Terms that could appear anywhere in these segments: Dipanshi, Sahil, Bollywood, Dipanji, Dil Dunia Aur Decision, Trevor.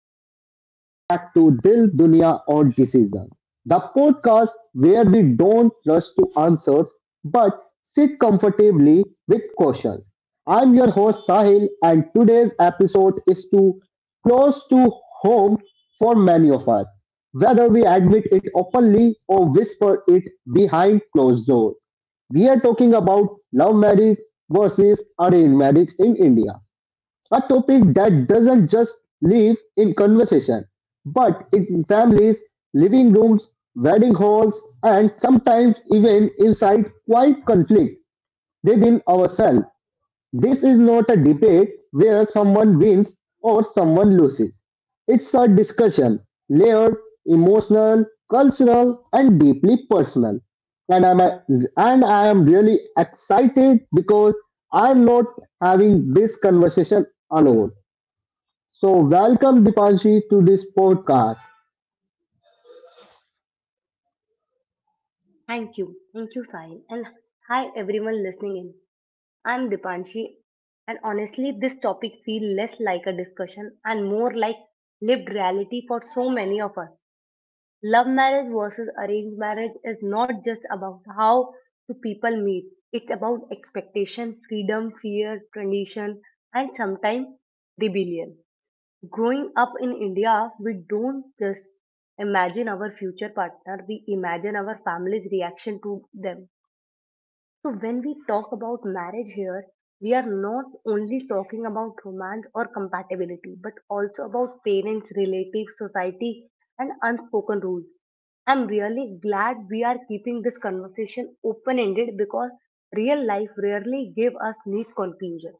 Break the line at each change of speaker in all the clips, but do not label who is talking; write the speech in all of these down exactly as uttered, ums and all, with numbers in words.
and welcome back to Dil Dunia Aur Decision, the podcast where we don't rush to answers but sit comfortably with questions. I'm your host Sahil and today's episode is too close to home for many of us, whether we admit it openly or whisper it behind closed doors. We are talking about love marriage versus arranged marriage in India, a topic that doesn't just live in conversation, but in families, living rooms, wedding halls, and sometimes even inside quiet conflict within ourselves. This is not a debate where someone wins or someone loses. It's a discussion, layered, emotional, cultural, and deeply personal. And I'm a- and I am really excited because I'm not having this conversation alone. So, welcome Dipanji to this podcast.
Thank you. Thank you, Sahil. And hi, everyone listening in. I'm Dipanshi, and honestly, this topic feels less like a discussion and more like lived reality for so many of us. Love marriage versus arranged marriage is not just about how two people meet, it's about expectation, freedom, fear, tradition, and sometimes rebellion. Growing up in India, we don't just imagine our future partner, we imagine our family's reaction to them. So, when we talk about marriage here, we are not only talking about romance or compatibility, but also about parents, relatives, society, and unspoken rules. I'm really glad we are keeping this conversation open ended because real life rarely gives us neat conclusion.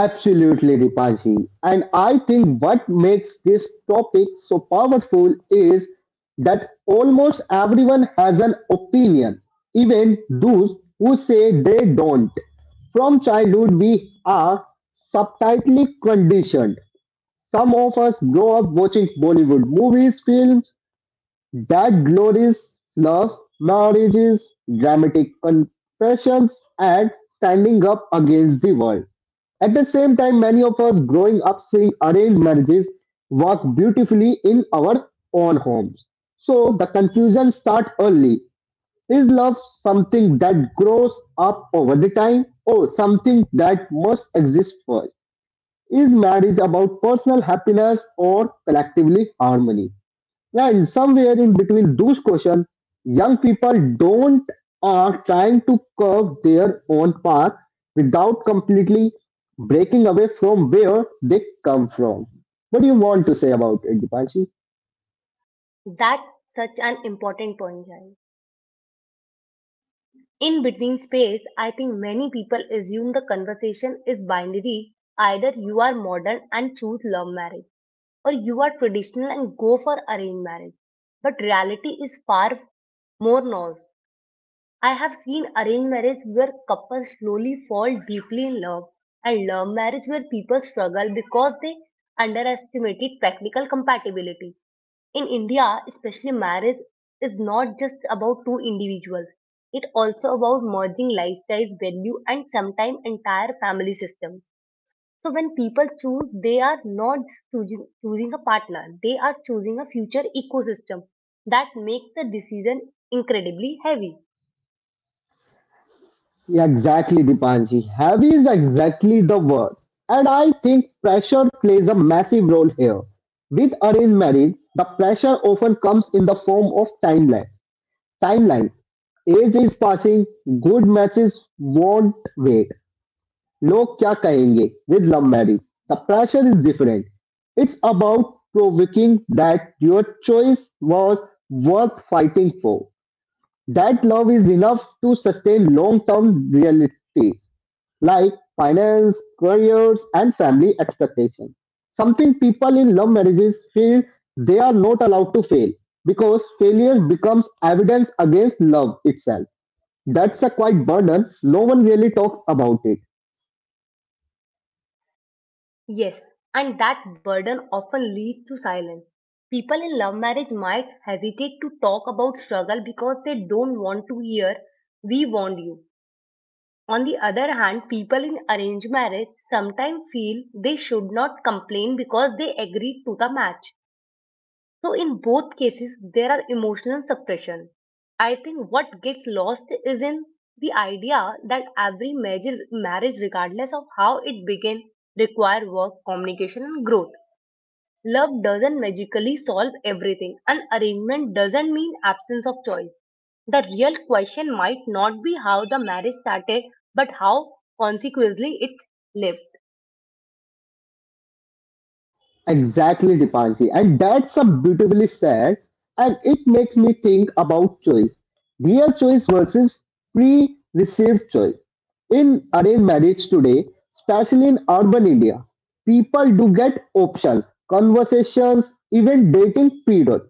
Absolutely, Dipanji. And I think what makes this topic so powerful is that almost everyone has an opinion, even those who say they don't. From childhood, we are subtitly conditioned. Some of us grow up watching Bollywood movies, films, that glories, love marriages, dramatic confessions, and standing up against the world. At the same time, many of us growing up seeing arranged marriages work beautifully in our own homes. So the confusion starts early. Is love something that grows up over the time or something that must exist first? Is marriage about personal happiness or collectively harmony? Yeah, in somewhere in between those questions, young people don't are trying to curve their own path without completely breaking away from where they come from. What do you want to say about it, Dipanshi?
That's such an important point, guys. In between space, I think many people assume the conversation is binary. Either you are modern and choose love marriage, or you are traditional and go for arranged marriage. But reality is far more nuanced. I have seen arranged marriage where couples slowly fall deeply in love, and love marriage where people struggle because they underestimated practical compatibility. In India, especially marriage is not just about two individuals. It also about merging lifestyles, value, and sometimes entire family systems. So when people choose, they are not just choosing, choosing a partner. They are choosing a future ecosystem that makes the decision incredibly heavy.
Yeah, exactly, Dipanshi. Heavy is exactly the word. And I think pressure plays a massive role here. With arranged marriage, the pressure often comes in the form of timelines. Timelines. Age is passing, good matches won't wait. लोग क्या कहेंगे with love marriage? The pressure is different. It's about proving that your choice was worth fighting for. That love is enough to sustain long-term realities like finance, careers, and family expectations. Something people in love marriages feel they are not allowed to fail because failure becomes evidence against love itself. That's a quite burden. No one really talks about it.
Yes, and that burden often leads to silence. People in love marriage might hesitate to talk about struggle because they don't want to hear, we warned you. On the other hand, people in arranged marriage sometimes feel they should not complain because they agreed to the match. So, in both cases, there are emotional suppression. I think what gets lost is in the idea that every major marriage, regardless of how it began, require work, communication, and growth. Love doesn't magically solve everything. An arrangement doesn't mean absence of choice. The real question might not be how the marriage started, but how consequently it lived.
Exactly, Dipanji. And that's a beautifully said. And it makes me think about choice. Real choice versus pre-received choice. In arranged marriage today, especially in urban India, people do get options, conversations, even dating period.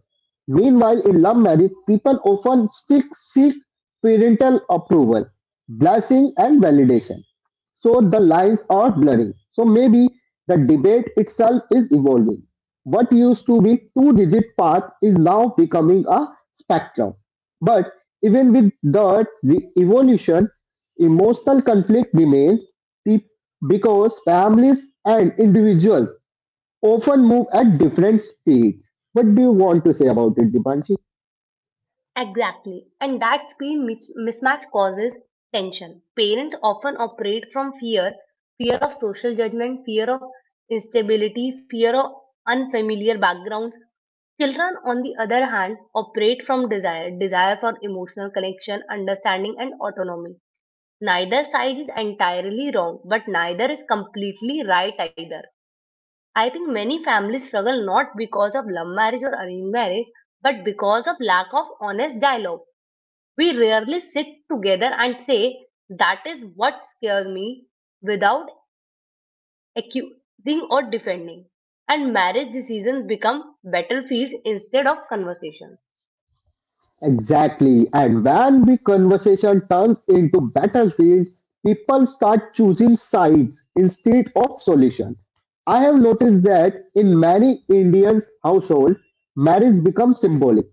Meanwhile, in love marriage, people often seek, seek parental approval, blessing and validation. So the lines are blurring. So maybe the debate itself is evolving. What used to be two rigid path is now becoming a spectrum. But even with the re- evolution, emotional conflict remains pe- because families and individuals often move at different speeds. What do you want to say about it, Dipanshi?
Exactly, and that speed mis- mismatch causes tension. Parents often operate from fear, fear of social judgment, fear of instability, fear of unfamiliar backgrounds. Children, on the other hand, operate from desire desire for emotional connection, understanding, and autonomy. Neither side is entirely wrong, but neither is completely right either. I think many families struggle not because of love marriage or arranged marriage, but because of lack of honest dialogue. We rarely sit together and say, that is what scares me, without accusing or defending. And marriage decisions become battlefields instead of conversations.
Exactly. And when the conversation turns into battlefield, people start choosing sides instead of solution. I have noticed that in many Indian households, marriage becomes symbolic.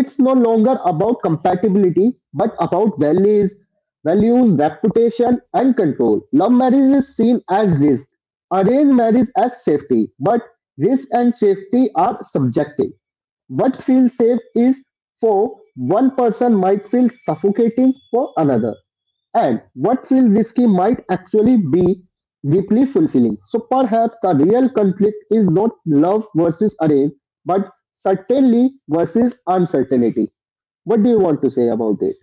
It's no longer about compatibility, but about values, values, reputation, and control. Love marriage is seen as risk, arranged marriage as safety, but risk and safety are subjective. What feels safe is for one person might feel suffocating for another, and what feels risky might actually be deeply fulfilling. So perhaps the real conflict is not love versus array, but certainly versus uncertainty. What do you want to say about it?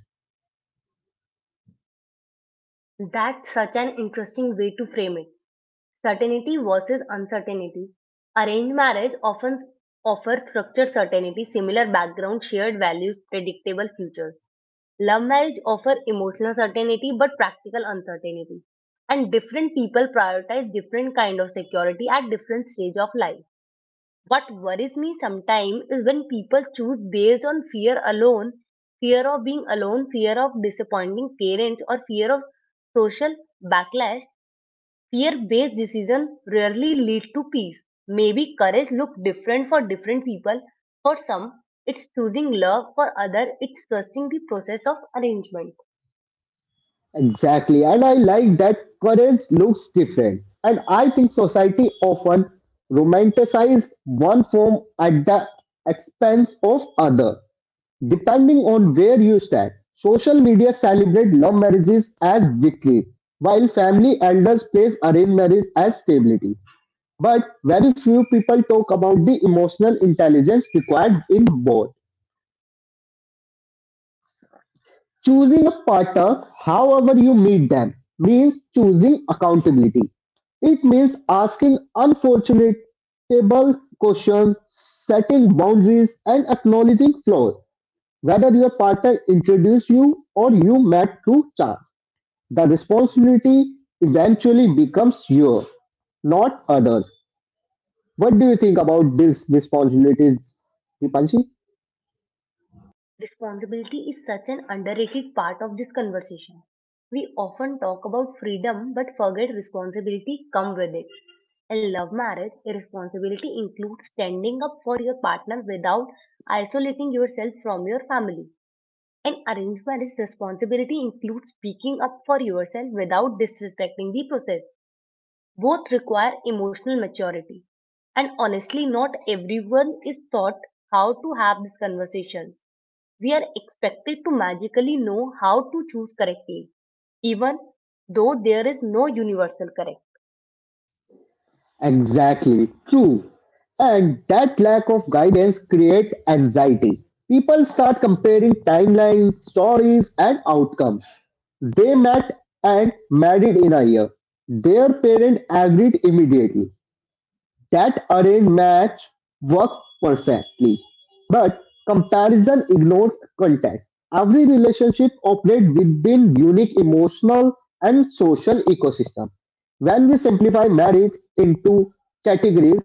That's such an interesting way to frame it. Certainty versus uncertainty. Arranged marriage often offers structured certainty, similar background, shared values, predictable futures. Love marriage offers emotional certainty but practical uncertainty. And different people prioritize different kind of security at different stage of life. What worries me sometimes is when people choose based on fear alone, fear of being alone, fear of disappointing parents, or fear of social backlash. Fear-based decisions rarely lead to peace. Maybe courage looks different for different people. For some, it's choosing love. For others, it's trusting the process of arrangement.
Exactly. And I like that courage looks different. And I think society often romanticizes one form at the expense of other. Depending on where you stand, social media celebrate love marriages as victory, while family elders praise arranged marriage as stability. But very few people talk about the emotional intelligence required in both. Choosing a partner, however you meet them, means choosing accountability. It means asking unfortunate questions, setting boundaries, and acknowledging flaws. Whether your partner introduced you or you met through chance, the responsibility eventually becomes yours, not others. What do you think about this responsibility, Dipanshi?
Responsibility is such an underrated part of this conversation. We often talk about freedom but forget responsibility comes with it. In love marriage, a responsibility includes standing up for your partner without isolating yourself from your family. An arrangement's responsibility includes speaking up for yourself without disrespecting the process. Both require emotional maturity. And honestly, not everyone is taught how to have these conversations. We are expected to magically know how to choose correctly, even though there is no universal correct.
Exactly, true. And that lack of guidance creates anxiety. People start comparing timelines, stories, and outcomes. They met and married in a year. Their parents agreed immediately. That array match worked perfectly, but comparison ignores context. Every relationship operates within unique emotional and social ecosystem. When we simplify marriage into categories,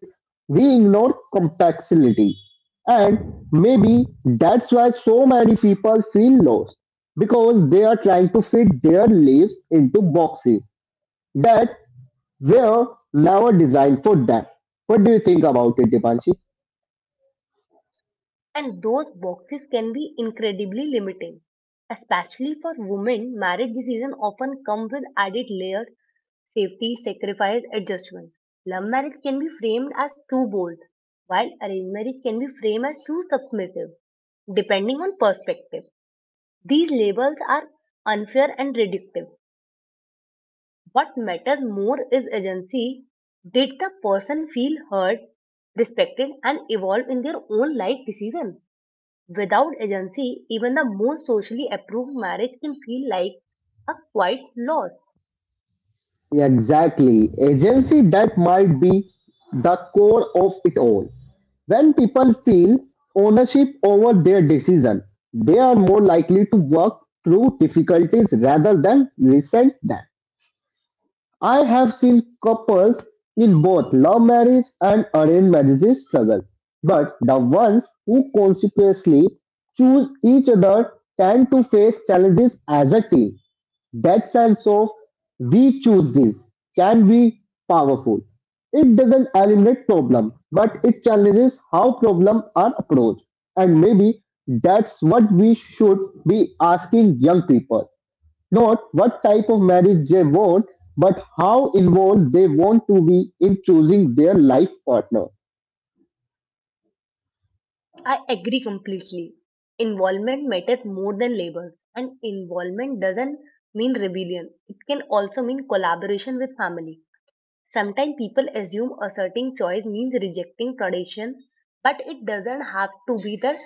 we ignore complexity. And maybe that's why so many people feel lost because they are trying to fit their lives into boxes that were never designed for that. What do you think about it, Dipanshi?
And those boxes can be incredibly limiting, especially for women. Marriage decisions often come with added layer safety, sacrifice, adjustment. Love marriage can be framed as too bold, while arranged marriage can be framed as too submissive, depending on perspective. These labels are unfair and reductive. What matters more is agency. Did the person feel heard, respected, and evolve in their own life decision? Without agency, even the most socially approved marriage can feel like a quiet loss.
Exactly. Agency that might be the core of it all. When people feel ownership over their decision, they are more likely to work through difficulties rather than resent them. I have seen couples in both love marriage and arranged marriages struggle, but the ones who consciously choose each other tend to face challenges as a team. That sense of we choose this can be powerful. It doesn't eliminate problem, but it challenges how problems are approached. And maybe that's what we should be asking young people. Not what type of marriage they want, but how involved they want to be in choosing their life partner.
I agree completely. Involvement matters more than labels, and involvement doesn't mean rebellion. It can also mean collaboration with family. Sometimes people assume asserting choice means rejecting tradition, but it doesn't have to be the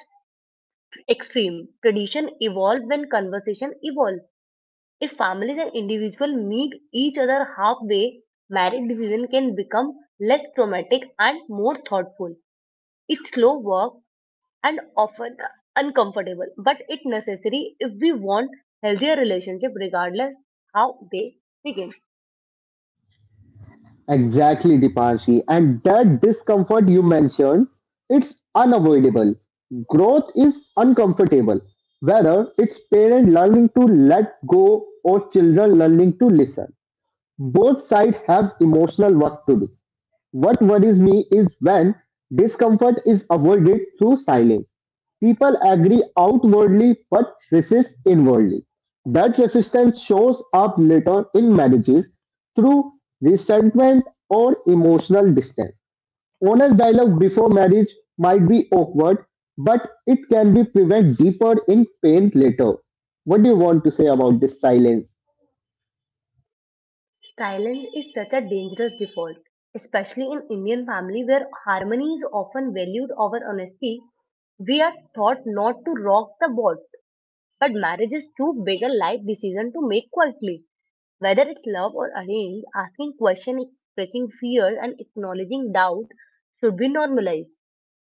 extreme. Tradition evolves when conversation evolves. If families and individuals meet each other halfway, marriage decision can become less traumatic and more thoughtful. It's slow work and often uncomfortable, but it's necessary if we want healthier relationship regardless how they begin.
Exactly, Dipanshi. And that discomfort you mentioned, it's unavoidable. Growth is uncomfortable, whether it's parent learning to let go or children learning to listen. Both sides have emotional work to do. What worries me is when discomfort is avoided through silence. People agree outwardly but resist inwardly. That resistance shows up later in marriages through resentment or emotional distance. Honest dialogue before marriage might be awkward, but it can be prevent deeper in pain later. What do you want to say about this silence?
Silence is such a dangerous default, especially in Indian family where harmony is often valued over honesty. We are taught not to rock the boat, but marriage is too big a life decision to make quietly. Whether it's love or arranged, asking questions, expressing fear, and acknowledging doubt should be normalized.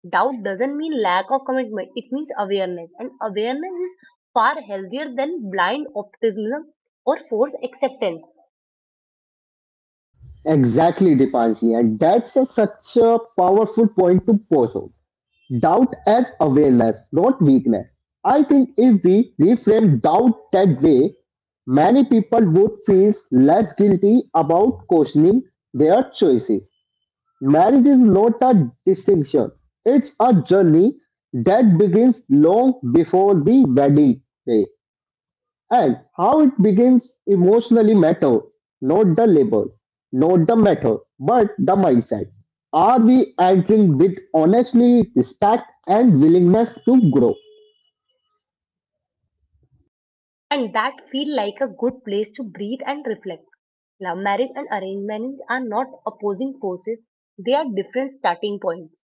Doubt doesn't mean lack of commitment, it means awareness, and awareness is far healthier than blind optimism or forced acceptance.
Exactly, Dipanshi, and that's a, such a powerful point to pose on. Doubt as awareness, not weakness. I think if we reframe doubt that way, many people would feel less guilty about questioning their choices. Marriage is not a distinction, it's a journey that begins long before the wedding day. And how it becomes emotionally matter, not the label, not the matter, but the mindset. Are we entering with honestly, respect, and willingness to grow?
And that feel like a good place to breathe and reflect. Love marriage and arranged marriage are not opposing forces, they are different starting points.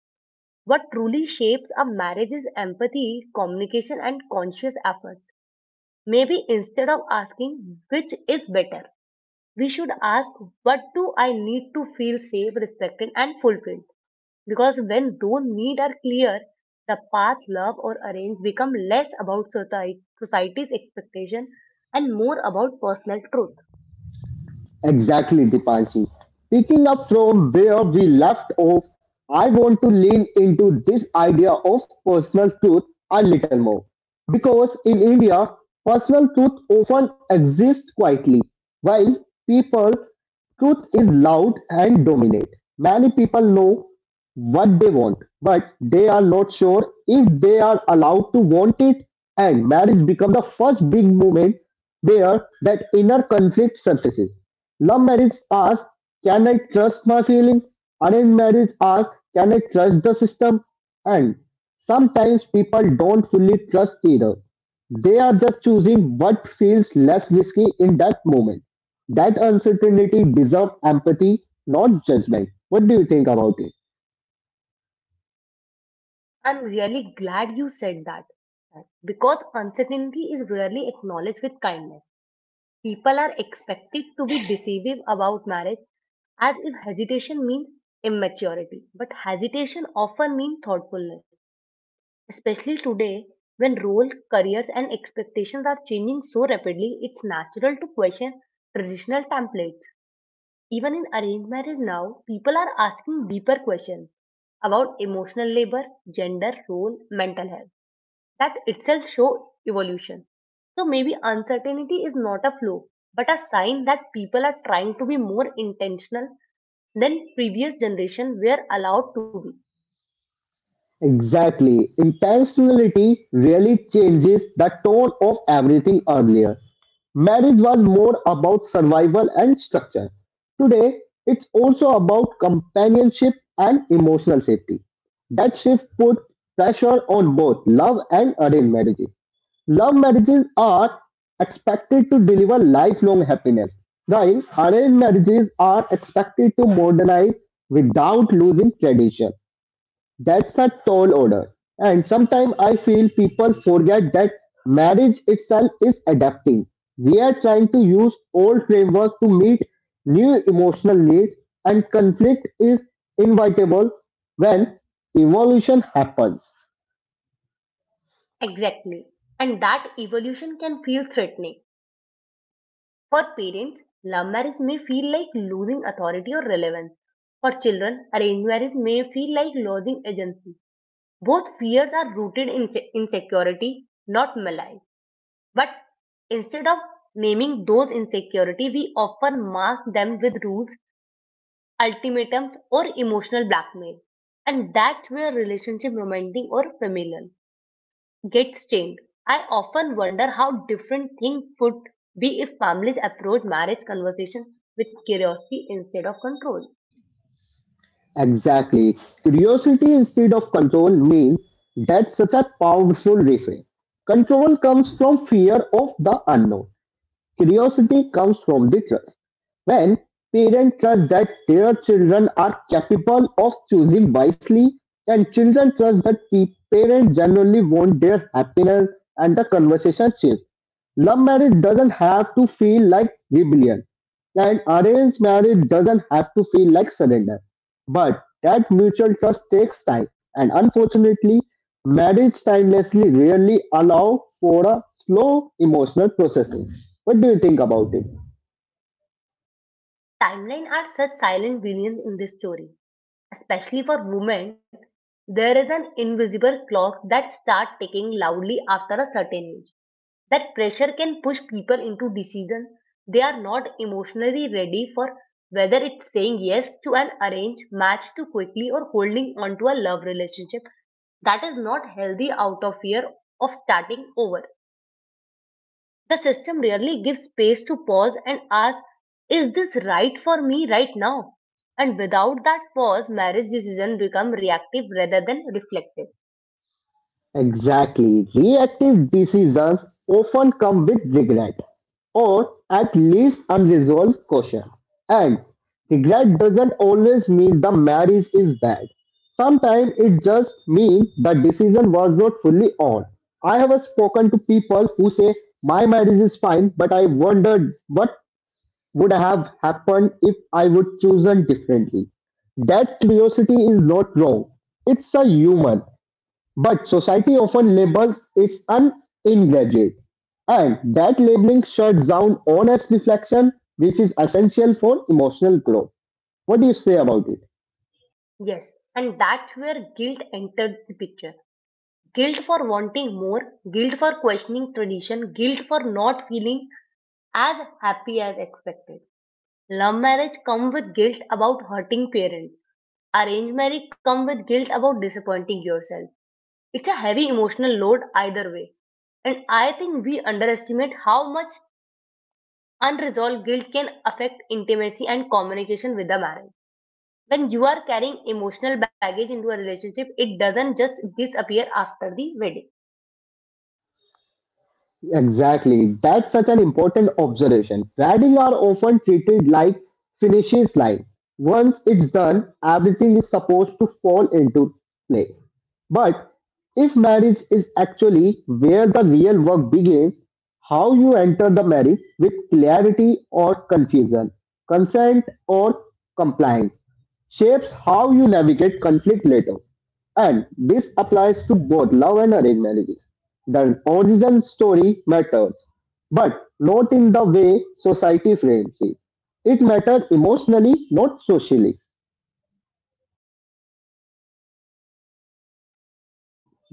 What truly shapes a marriage is empathy, communication, and conscious effort. Maybe instead of asking which is better, we should ask what do I need to feel safe, respected, and fulfilled. Because when those needs are clear, the path love or arrange become less about society, society's expectation and more about personal truth.
Exactly, Dipanshi. Picking up from where we left off, I want to lean into this idea of personal truth a little more. Because in India, personal truth often exists quietly, while people truth is loud and dominant. Many people know what they want, but they are not sure if they are allowed to want it, and marriage becomes the first big movement where that inner conflict surfaces. Love marriage asks, can I trust my feelings? Arranged marriage asks, can I trust the system? And sometimes people don't fully trust either. They are just choosing what feels less risky in that moment. That uncertainty deserves empathy, not judgment. What do you think about it?
I'm really glad you said that because uncertainty is rarely acknowledged with kindness. People are expected to be decisive about marriage as if hesitation means immaturity. But hesitation often means thoughtfulness, especially today when roles, careers, and expectations are changing so rapidly, it's natural to question traditional templates. Even in arranged marriage now, people are asking deeper questions about emotional labor, gender, role, mental health that itself show evolution. So maybe uncertainty is not a flaw, but a sign that people are trying to be more intentional than previous generation were allowed to be.
Exactly. Intentionality really changes the tone of everything earlier. Marriage was more about survival and structure. Today, it's also about companionship and emotional safety. That shift put pressure on both love and arranged marriages. Love marriages are expected to deliver lifelong happiness, while arranged marriages are expected to modernize without losing tradition. That's a tall order. And sometimes I feel people forget that marriage itself is adapting. We are trying to use old framework to meet new emotional needs, and conflict is inevitable when evolution happens.
Exactly. And that evolution can feel threatening. For parents, love marriage may feel like losing authority or relevance. For children, arranged marriage may feel like losing agency. Both fears are rooted in se- insecurity, not malice. But instead of naming those insecurities, we often mask them with rules, ultimatums, or emotional blackmail. And that's where relationship romantic or familial gets stained. I often wonder how different things would be if families approach marriage conversations with curiosity instead of control.
Exactly. Curiosity instead of control means that's such a powerful refrain. Control comes from fear of the unknown. Curiosity comes from the trust. When parents trust that their children are capable of choosing wisely, and children trust that pe- parents generally want their happiness and the conversation shift. Love marriage doesn't have to feel like rebellion, and arranged marriage doesn't have to feel like surrender. But that mutual trust takes time, and unfortunately, marriage timelessly rarely allow for a slow emotional processing. What do you think about it?
Timeline are such silent villains in this story, especially for women. There is an invisible clock that starts ticking loudly after a certain age. That pressure can push people into decisions they are not emotionally ready for, whether it's saying yes to an arranged match too quickly or holding on to a love relationship that is not healthy out of fear of starting over. The system rarely gives space to pause and ask, is this right for me right now? And without that pause, marriage decisions become reactive rather than reflective.
Exactly. Reactive decisions often come with regret, or at least unresolved caution. And regret doesn't always mean the marriage is bad. Sometimes it just means the decision was not fully on. I have spoken to people who say my marriage is fine, but I wondered what would have happened if I would chosen differently. That curiosity is not wrong. It's a human. But society often labels it an ingraduate, and that labeling shuts down honest reflection, which is essential for emotional growth. What do you say about it?
Yes, and that's where guilt enters the picture. Guilt for wanting more, guilt for questioning tradition, guilt for not feeling as happy as expected. Love marriage come with guilt about hurting parents. Arranged marriage come with guilt about disappointing yourself. It's a heavy emotional load either way. And I think we underestimate how much unresolved guilt can affect intimacy and communication with a marriage. When you are carrying emotional baggage into a relationship, it doesn't just disappear after the wedding.
Exactly. That's such an important observation. Weddings are often treated like finishes line. Once it's done, everything is supposed to fall into place. But if marriage is actually where the real work begins, how you enter the marriage with clarity or confusion, consent or compliance, shapes how you navigate conflict later. And this applies to both love and arranged marriages. The origin story matters, but not in the way society frames it. It matters emotionally, not socially.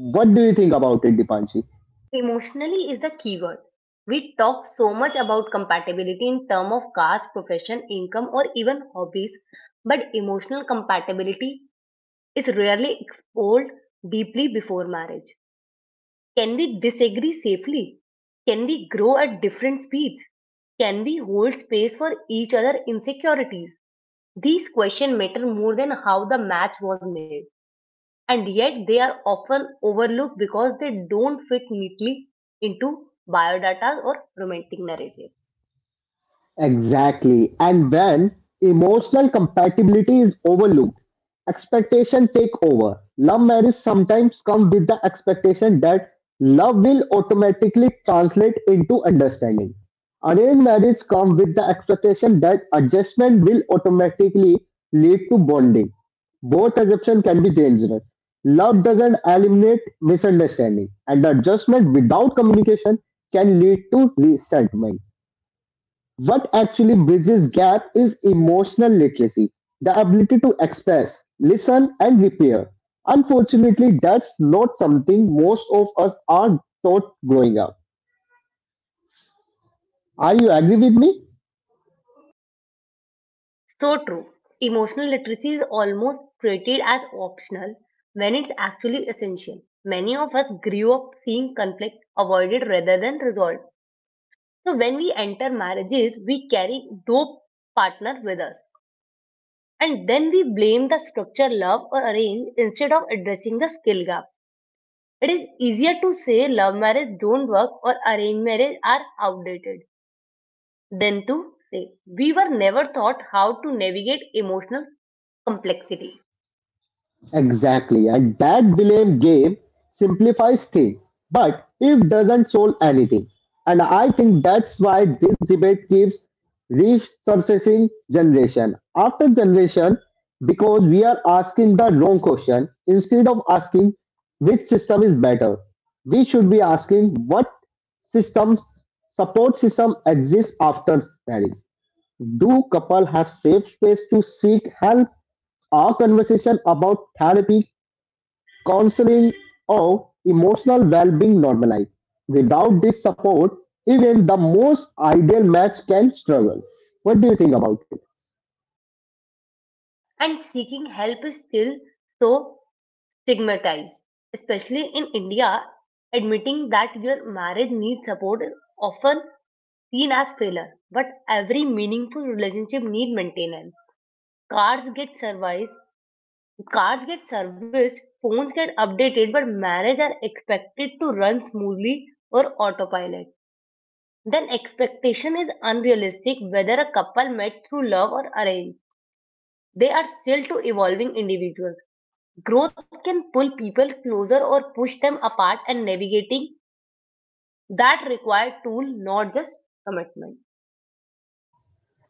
What do you think about it, Dipanshi?
Emotionally is the keyword. We talk so much about compatibility in terms of caste, profession, income, or even hobbies, but emotional compatibility is rarely explored deeply before marriage. Can we disagree safely? Can we grow at different speeds? Can we hold space for each other insecurities? These questions matter more than how the match was made, and yet they are often overlooked because they don't fit neatly into biodata or romantic narrative.
Exactly. And when emotional compatibility is overlooked, expectation take over. Love marriage sometimes comes with the expectation that love will automatically translate into understanding. Arranged marriage comes with the expectation that adjustment will automatically lead to bonding. Both assumptions can be dangerous. Love doesn't eliminate misunderstanding, and the adjustment without communication can lead to resentment. What actually bridges gap is emotional literacy, the ability to express, listen and repair. Unfortunately, that's not something most of us are taught growing up. Are you agree with me?
So true. Emotional literacy is almost treated as optional when it's actually essential. Many of us grew up seeing conflict avoided rather than resolved. So when we enter marriages, we carry those partner with us. And then we blame the structure love or arrange instead of addressing the skill gap. It is easier to say love marriage don't work or arranged marriage are outdated than to say we were never taught how to navigate emotional complexity.
Exactly, and that blame game simplifies things, but it doesn't solve anything. And I think that's why this debate keeps resurfacing generation after generation because we are asking the wrong question instead of asking which system is better. We should be asking what system support system exists after marriage. Do couples have safe space to seek help? Are conversation about therapy, counseling, or emotional well-being normalized? Without this support, even the most ideal match can struggle. What do you think about it?
And seeking help is still so stigmatized, especially in India. Admitting that your marriage needs support is often seen as failure, but every meaningful relationship needs maintenance. Cars get serviced, Cars get serviced, phones get updated, but marriage are expected to run smoothly or autopilot. Then expectation is unrealistic whether a couple met through love or arrange, they are still two evolving individuals. Growth can pull people closer or push them apart, and navigating that required tool, not just commitment.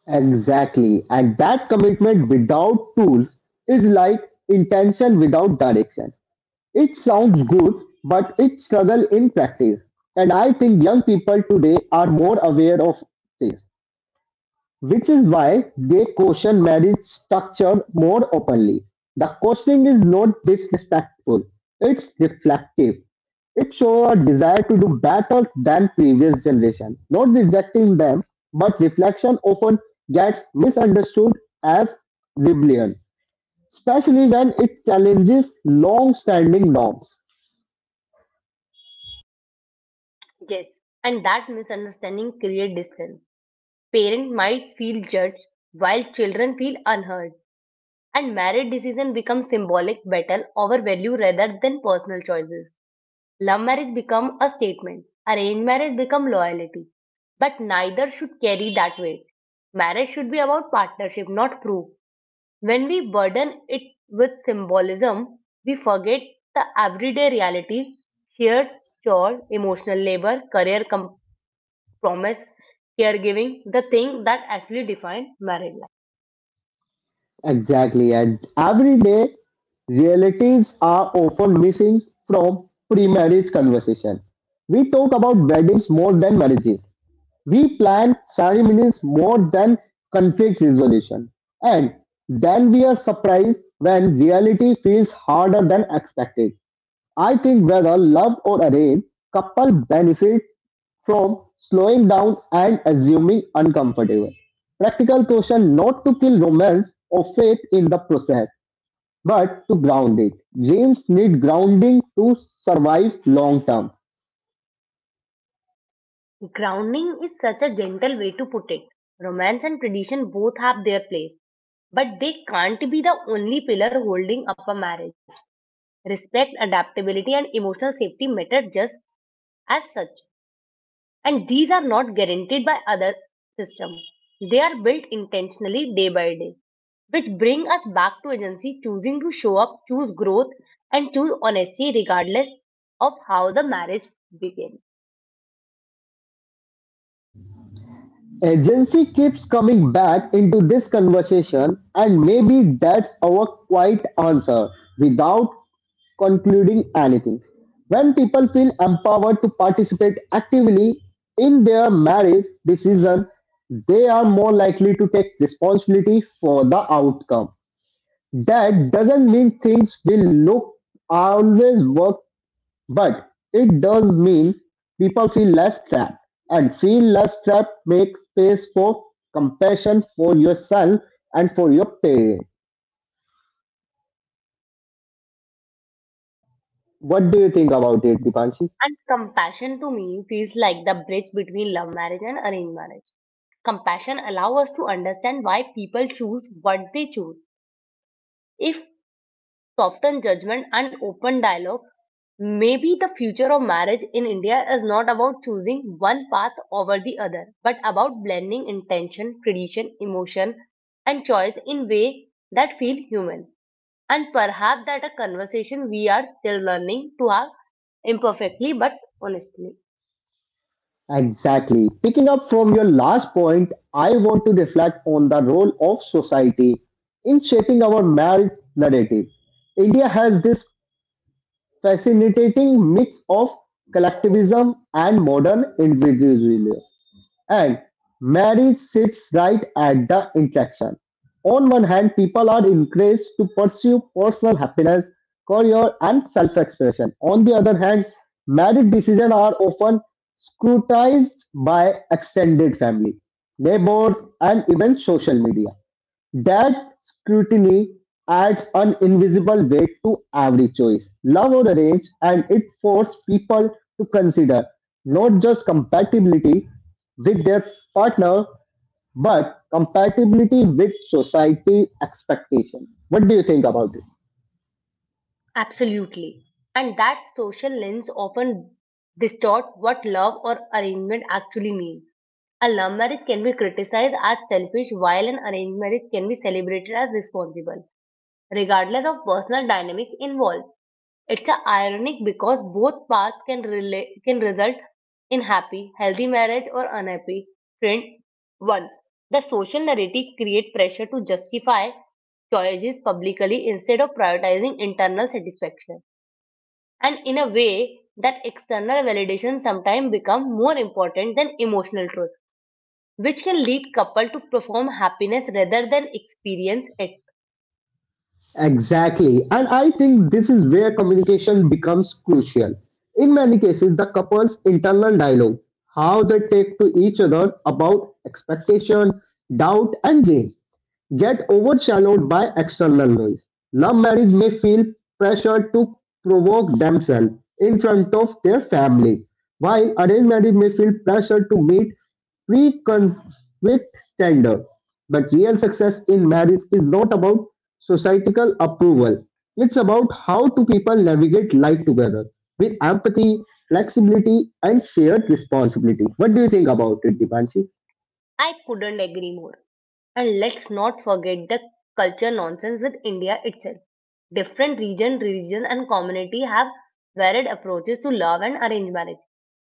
Exactly. And that commitment without tools is like intention without direction. It sounds good, but it struggle in practice. And I think young people today are more aware of this. Which is why they caution marriage structure more openly. The cautioning is not disrespectful, it's reflective. It shows a desire to do better than previous generation, not rejecting them, but reflection often gets misunderstood as rebellion, especially when it challenges long standing norms.
Yes, and that misunderstanding create distance. Parent might feel judged while children feel unheard. And marriage decision become symbolic battle over value rather than personal choices. Love marriage become a statement. Arranged marriage become loyalty. But neither should carry that weight. Marriage should be about partnership, not proof. When we burden it with symbolism, we forget the everyday reality, shared chore, emotional labor, career compromise, caregiving, the thing that actually define marriage.
Exactly, and every day realities are often missing from pre-marriage conversation. We talk about weddings more than marriages. We plan ceremonies more than conflict resolution. And then we are surprised when reality feels harder than expected. I think whether loved or arranged, couple benefit from slowing down and assuming uncomfortable. Practical caution not to kill romance or faith in the process. But to ground it, games need grounding to survive long term.
Grounding is such a gentle way to put it. Romance and tradition both have their place, but they can't be the only pillar holding up a marriage. Respect, adaptability, and emotional safety matter just as such, and these are not guaranteed by other systems. They are built intentionally day by day, which bring us back to agency, choosing to show up, choose growth, and choose honesty regardless of how the marriage began.
Agency keeps coming back into this conversation, and maybe that's our quiet answer without concluding anything. When people feel empowered to participate actively in their marriage decision, they are more likely to take responsibility for the outcome. That doesn't mean things will look always work. But it does mean people feel less trapped, and feel less trapped makes space for compassion for yourself and for your parents. What do you think about it, Dipanshi?
And compassion to me feels like the bridge between love marriage and arranged marriage. Compassion allows us to understand why people choose what they choose. If softened judgment and open dialogue, maybe the future of marriage in India is not about choosing one path over the other, but about blending intention, tradition, emotion, and choice in way that feel human. And perhaps that a conversation we are still learning to have imperfectly but honestly.
Exactly. Picking up from your last point, I want to reflect on the role of society in shaping our marriage narrative. India has this fascinating mix of collectivism and modern individualism. And marriage sits right at the intersection. On one hand, people are encouraged to pursue personal happiness, career, and self expression. On the other hand, marriage decisions are often scrutinized by extended family, neighbors, and even social media. That scrutiny adds an invisible weight to every choice, love or arrange, and it forces people to consider not just compatibility with their partner, but compatibility with society expectation. What do you think about it?
Absolutely. And that social lens often distort what love or arrangement actually means. A love marriage can be criticized as selfish, while an arranged marriage can be celebrated as responsible, regardless of personal dynamics involved. It's a ironic because both paths can relate, can result in happy, healthy marriage or unhappy friend ones. The social narrative create pressure to justify choices publicly instead of prioritizing internal satisfaction, and in a way that external validation sometimes become more important than emotional truth, which can lead couple to perform happiness rather than experience it.
Exactly. And I think this is where communication becomes crucial. In many cases, the couple's internal dialogue, how they take to each other about expectation, doubt, and gain, get overshadowed by external noise. Love marriage may feel pressure to provoke themselves in front of their families, while arranged marriage may feel pressure to meet preconceived standard. But real success in marriage is not about societal approval. It's about how two people navigate life together with empathy, flexibility, and shared responsibility. What do you think about it, Dipanshi?
I couldn't agree more, and let's not forget the culture nonsense with India itself. Different region, religion, and community have varied approaches to love and arranged marriage.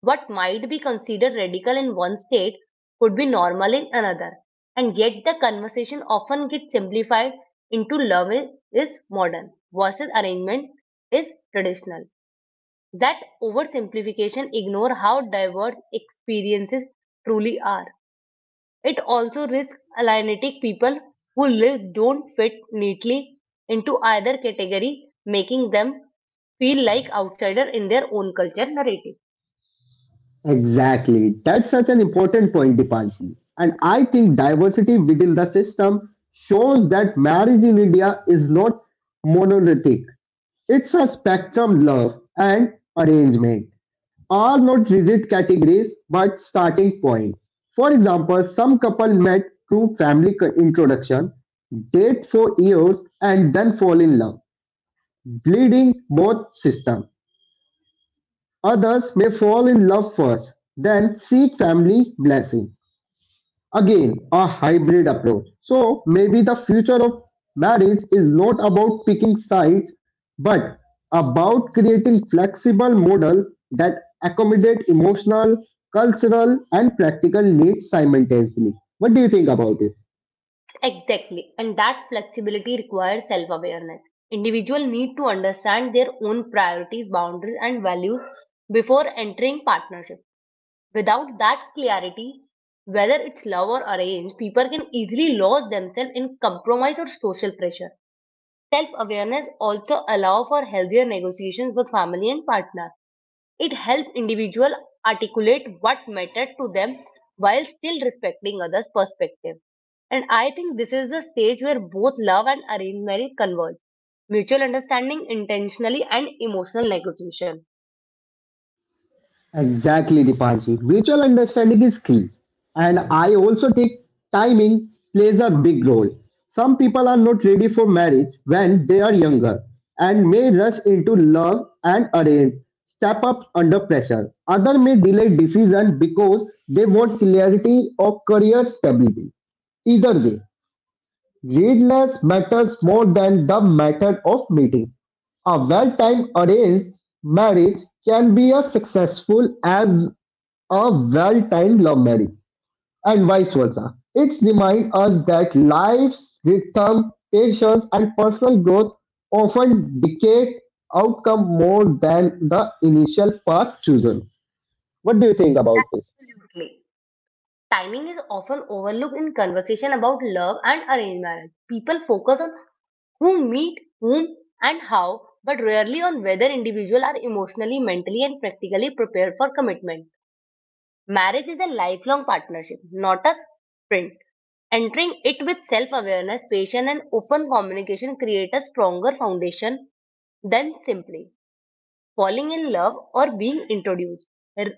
What might be considered radical in one state could be normal in another, and yet the conversation often gets simplified into love is modern versus arrangement is traditional. That oversimplification ignores how diverse experiences truly are. It also risks alienating people who lives don't fit neatly into either category, making them feel like outsiders in their own culture narrative.
Exactly. That's such an important point, Dipanshi. And I think diversity within the system shows that marriage in India is not monolithic. It's a spectrum love and arrangement are not rigid categories but starting point. For example, some couple met through family co- introduction, date for years and then fall in love, bleeding both system. Others may fall in love first, then seek family blessing. Again, a hybrid approach. So maybe the future of marriage is not about picking sides, but about creating flexible model that accommodate emotional, cultural, and practical needs simultaneously. What do you think about it?
Exactly. And that flexibility requires self awareness. Individuals need to understand their own priorities, boundaries, and values before entering partnership. Without that clarity, whether it's love or arranged, people can easily lose themselves in compromise or social pressure. Self awareness also allows for healthier negotiations with family and partner. It helps individuals articulate what mattered to them while still respecting others' perspective. And I think this is the stage where both love and arranged marriage converge. Mutual understanding intentionally and emotional negotiation.
Exactly, Dipanji. Mutual understanding is key. And I also think timing plays a big role. Some people are not ready for marriage when they are younger and may rush into love and arrange, step up under pressure. Others may delay decision because they want clarity or career stability. Either way, readiness matters more than the method of meeting. A well-timed arranged marriage can be as successful as a well-timed love marriage, and vice versa. It reminds us that life's rhythm, tensions, and personal growth often dictate outcome more than the initial path chosen. What do you think about it?
Absolutely. Timing is often overlooked in conversation about love and arranged marriage. People focus on who meet whom and how, but rarely on whether individuals are emotionally, mentally, and practically prepared for commitment. Marriage is a lifelong partnership, not a sprint. Entering it with self awareness, patience, and open communication create a stronger foundation than simply falling in love or being introduced. R-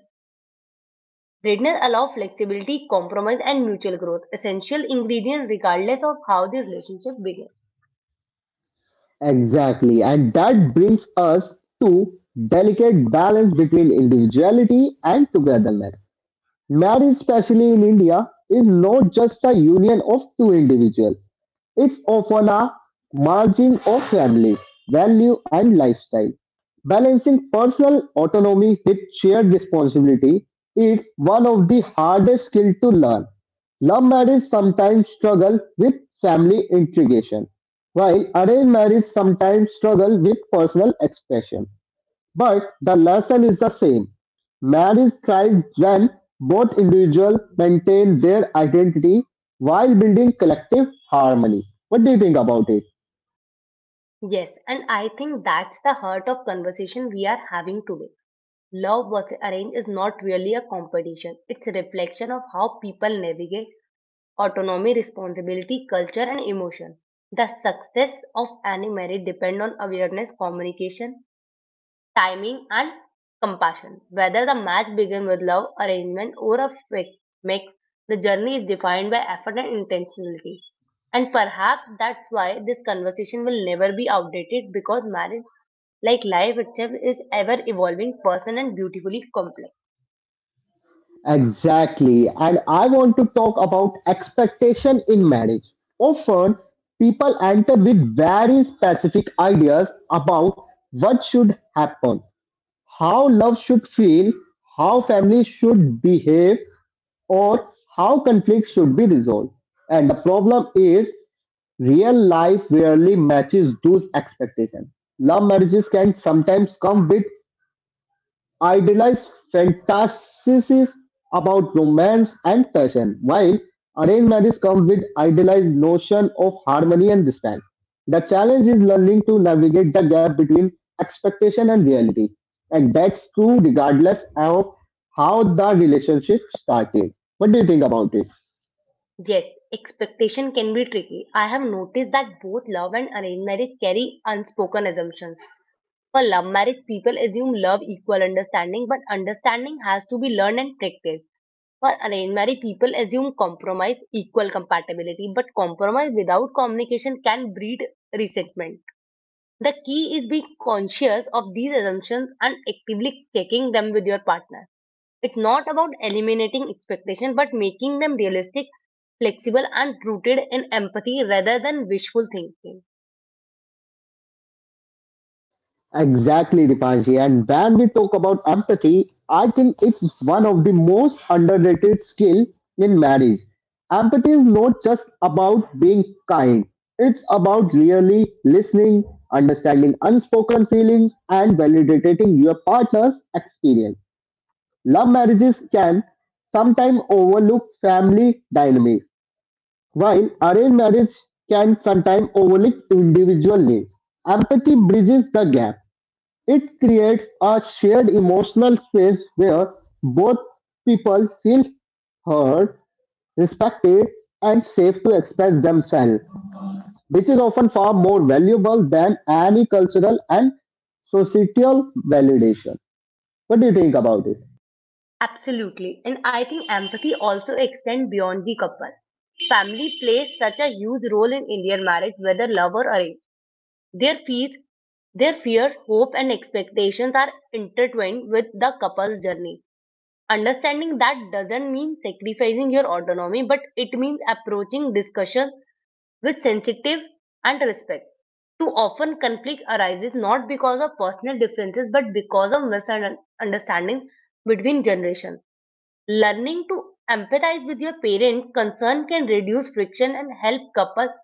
Readiness allow flexibility, compromise, and mutual growth, essential ingredient regardless of how the relationship begins.
Exactly, and that brings us to delicate balance between individuality and togetherness. Marriage, especially in India, is not just a union of two individuals. It's often a merging of families, value, and lifestyle. Balancing personal autonomy with shared responsibility is one of the hardest skills to learn. Love marriage sometimes struggle with family integration, while arranged marriage sometimes struggle with personal expression. But the lesson is the same. Marriage thrives when both individuals maintain their identity while building collective harmony. What do you think about it?
Yes, and I think that's the heart of conversation we are having today. Love versus arrange is not really a competition. It's a reflection of how people navigate autonomy, responsibility, culture, and emotion. The success of any marriage depends on awareness, communication, timing, and compassion. Whether the match begins with love, arrangement, or a fake mix, the journey is defined by effort and intentionality. And perhaps that's why this conversation will never be outdated, because marriage, like life itself, is ever evolving, personal, and beautifully complex.
Exactly. And I want to talk about expectation in marriage. Often, people enter with very specific ideas about what should happen, how love should feel, how family should behave, or how conflicts should be resolved. And the problem is real life rarely matches those expectations. Love marriages can sometimes come with idealized fantasies about romance and passion, while arranged marriages come with idealized notion of harmony and respect. The challenge is learning to navigate the gap between expectation and reality. And that's true regardless of how the relationship started. What do you think about it?
Yes, expectation can be tricky. I have noticed that both love and arranged marriage carry unspoken assumptions. For love marriage, people assume love equal understanding, but understanding has to be learned and practiced. For arranged marriage, people assume compromise equal compatibility, but compromise without communication can breed resentment. The key is being conscious of these assumptions and actively checking them with your partner. It's not about eliminating expectations, but making them realistic, flexible, and rooted in empathy rather than wishful thinking.
Exactly, Dipanji. And when we talk about empathy, I think it's one of the most underrated skill in marriage. Empathy is not just about being kind. It's about really listening, understanding unspoken feelings, and validating your partner's experience. Love marriages can sometimes overlook family dynamics, while arranged marriage can sometimes overlook individual needs. Empathy bridges the gap it creates a shared emotional space where both people feel heard, respected, and safe to express themselves, which is often far more valuable than any cultural and societal validation. What do you think about it?
Absolutely. And I think empathy also extends beyond the couple. Family plays such a huge role in Indian marriage, whether love or arranged. Their fears, their fears, hope, and expectations are intertwined with the couple's journey. Understanding that doesn't mean sacrificing your autonomy, but it means approaching discussion with sensitive and respect. Too often conflict arises not because of personal differences, but because of misunderstanding between generations. Learning to empathize with your parent concern can reduce friction and help couples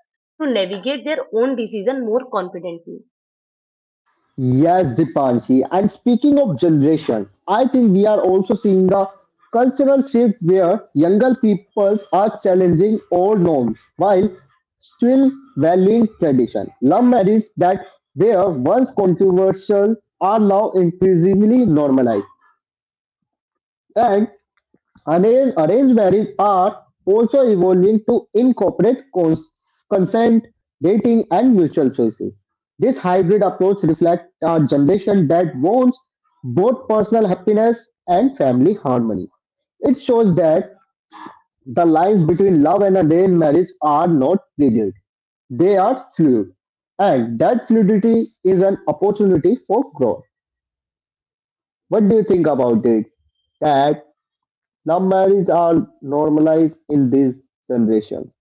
to navigate their own decision more confidently.
Yes, Dipanshi. And speaking of generation, I think we are also seeing the cultural shift where younger peoples are challenging old norms, while still valuing tradition. Love marriages that were once controversial are now increasingly normalized, and arra- arranged marriages are also evolving to incorporate cons- consent, dating, and mutual choices. This hybrid approach reflects a generation that wants both personal happiness and family harmony. It shows that the lines between love and arranged marriage are not rigid they are fluid, and that fluidity is an opportunity for growth. What do you think about it? That love marriage are normalized in this generation.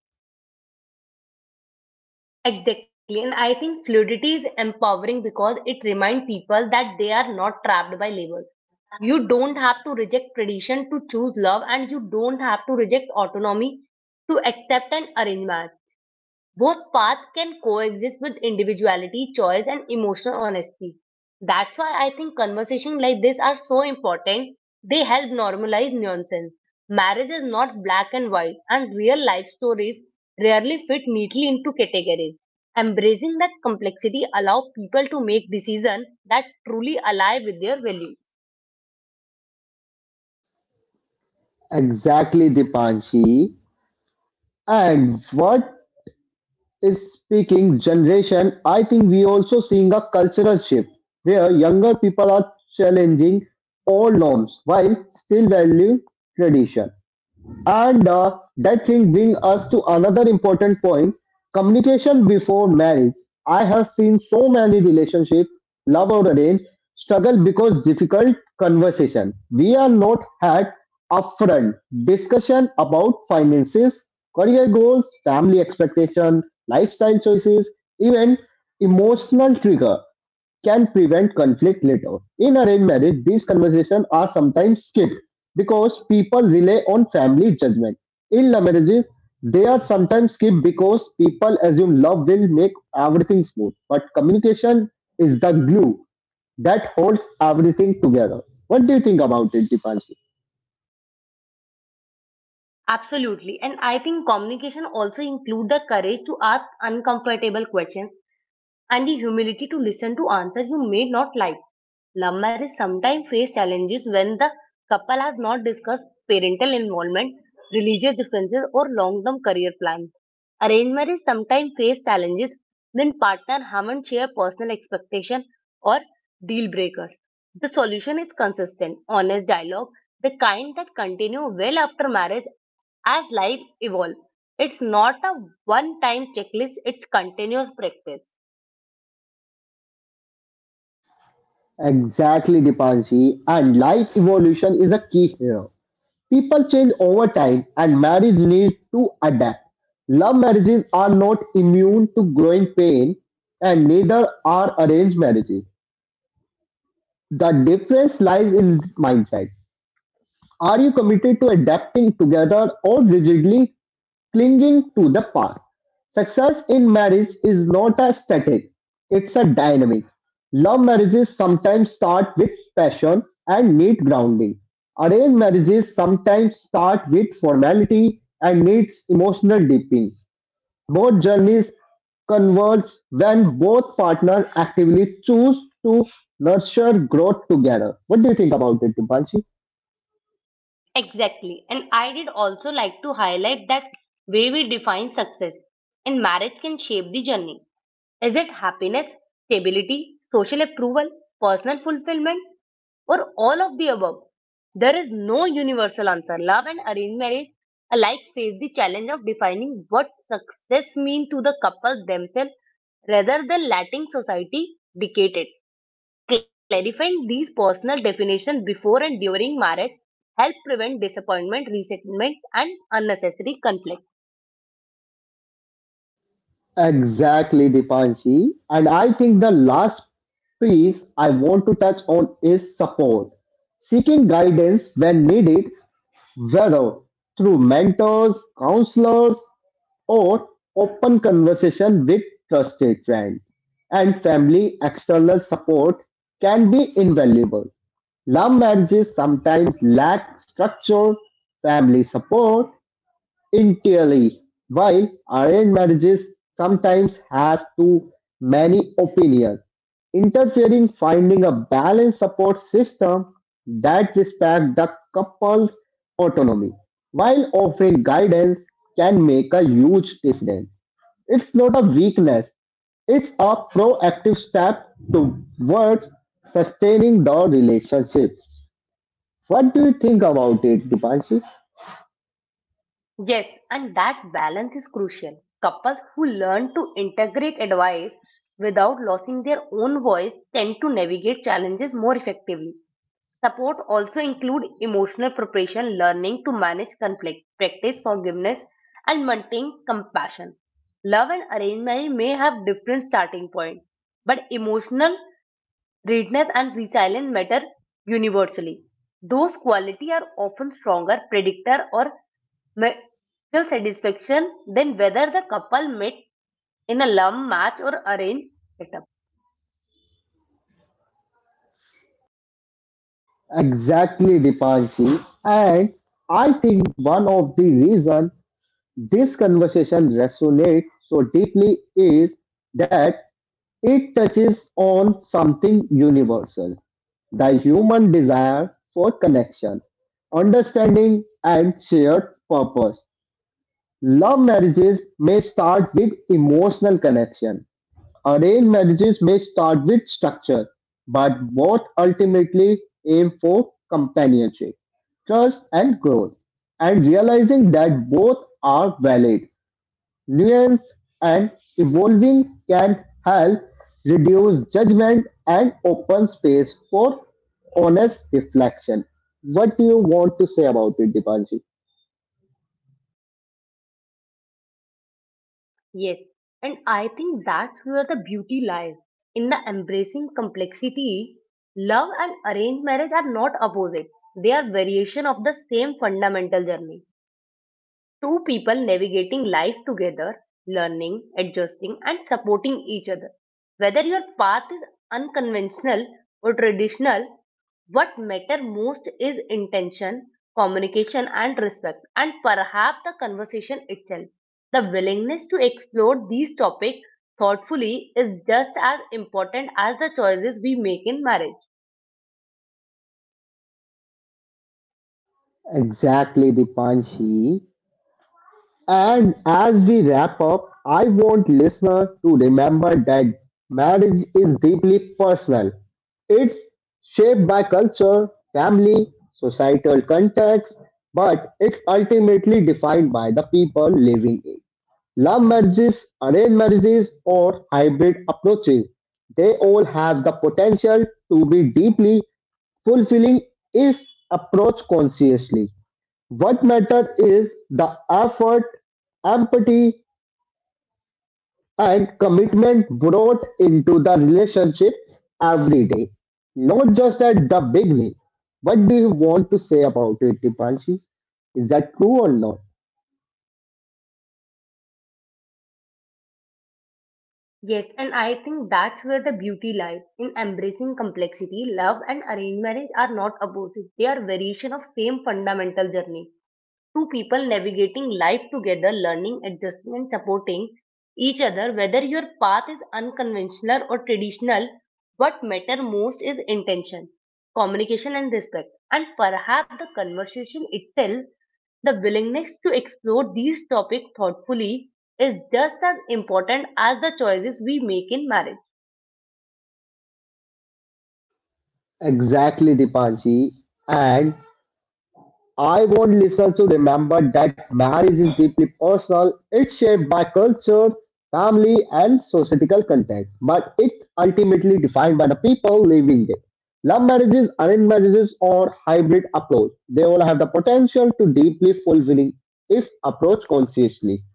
Exactly, and I think fluidity is empowering because it reminds people that they are not trapped by labels. You don't have to reject tradition to choose love, and you don't have to reject autonomy to accept an arrangement. Both paths can coexist with individuality, choice, and emotional honesty. That's why I think conversations like this are so important. They help normalize nonsense. Marriage is not black and white, and real life stories rarely fit neatly into categories. Embracing that complexity allows people to make decisions that truly align with their values.
Exactly, Dipanshi. And what is speaking generation? I think we also seeing a cultural shift where younger people are challenging all norms while still value tradition. And uh, that thing brings us to another important point communication before marriage. I have seen so many relationships, love or arranged, struggle because difficult conversation. We are not had upfront discussion about finances, career goals, family expectation, lifestyle choices, even emotional trigger can prevent conflict later. In arranged marriage, these conversations are sometimes skipped because people rely on family judgment. In love marriages, they are sometimes skipped because people assume love will make everything smooth. But communication is the glue that holds everything together. What do you think about it, Dipanshi?
Absolutely. And I think communication also include the courage to ask uncomfortable questions and the humility to listen to answers you may not like. Love marriage sometimes face challenges when the couple has not discussed parental involvement, religious differences, or long-term career plans. Arranged marriage sometimes face challenges when partners haven't shared personal expectations or deal breakers. The solution is consistent, honest dialogue, the kind that continue well after marriage as life evolves. It's not a one-time checklist, it's continuous practice.
Exactly, Dipanshi. And life evolution is a key here. People change over time and marriages need to adapt. Love marriages are not immune to growing pain and neither are arranged marriages. The difference lies in mindset. Are you committed to adapting together or rigidly clinging to the past. Success in marriage is not a static, it's a dynamic. Love marriages sometimes start with passion and need grounding. Arranged marriages sometimes start with formality and needs emotional deepening. Both journeys converge when both partners actively choose to nurture growth together. What do you think about it, Dipanshi?
Exactly. And I did also like to highlight that way we define success in marriage can shape the journey. Is it happiness, stability, social approval, personal fulfillment, or all of the above? There is no universal answer. Love and arranged marriage alike face the challenge of defining what success means to the couple themselves rather than letting society dictate it. Clarifying these personal definitions before and during marriage help prevent disappointment, resentment, and unnecessary conflict.
Exactly, Dipanshi. And I think the last piece I want to touch on is support. Seeking guidance when needed, whether through mentors, counselors, or open conversation with trusted friends. And family external support can be invaluable. Love marriages sometimes lack structure, family support, entirely, while arranged marriages sometimes have too many opinions interfering, finding a balanced support system that respects the couple's autonomy while offering guidance can make a huge difference. It's not a weakness, it's a proactive step towards sustaining the relationship. What do you think about it, Dipanshi?
Yes, and that balance is crucial. Couples who learn to integrate advice without losing their own voice tend to navigate challenges more effectively. Support also include emotional preparation, learning to manage conflict, practice forgiveness, and maintain compassion. Love and arranged marriage may have different starting point, but emotional readiness and resilience matter universally. Those qualities are often stronger predictor or marital satisfaction than whether the couple met in a love match or arranged setup.
Exactly, Dipanshi. And I think one of the reasons this conversation resonates so deeply is that it touches on something universal the human desire for connection, understanding, and shared purpose. Love marriages may start with emotional connection, arranged marriages may start with structure, but both ultimately aim for companionship trust and growth, and realizing that both are valid, nuance and evolving can help reduce judgment and open space for honest reflection. What do you want to say about it, Dipanshi?
Yes, and I think that's where the beauty lies in the embracing complexity. Love and arranged marriage are not opposite, they are variation of the same fundamental journey. Two people navigating life together, learning, adjusting, and supporting each other. Whether your path is unconventional or traditional, what matter most is intention, communication and respect and perhaps the conversation itself. The willingness to explore these topics thoughtfully is just as important as the choices we make in marriage.
Exactly, Dipanshi. And as we wrap up, I want listener to remember that marriage is deeply personal. It's shaped by culture, family, societal context, but it's ultimately defined by the people living it. Love marriages, arranged marriages, or hybrid approaches, they all have the potential to be deeply fulfilling if approached consciously. What mattered is the effort, empathy, and commitment brought into the relationship every day. Not just at the beginning. What do you want to say about it, Dipanshi? Is that true or not?
Yes, and I think that's where the beauty lies in embracing complexity. Love and arranged marriage are not opposite; they are variation of same fundamental journey. Two people navigating life together, learning, adjusting, and supporting each other. Whether your path is unconventional or traditional, what matter most is intention, communication, and respect, and perhaps the conversation itself. The willingness to explore these topics thoughtfully is just as important as the choices we make in marriage.
Exactly, Dipanshi. And I want listeners to remember that marriage is deeply personal. It's shaped by culture, family, and societal context, but it's ultimately defined by the people living it. Love marriages, arranged marriages, or hybrid approach, they all have the potential to deeply fulfilling if approached consciously.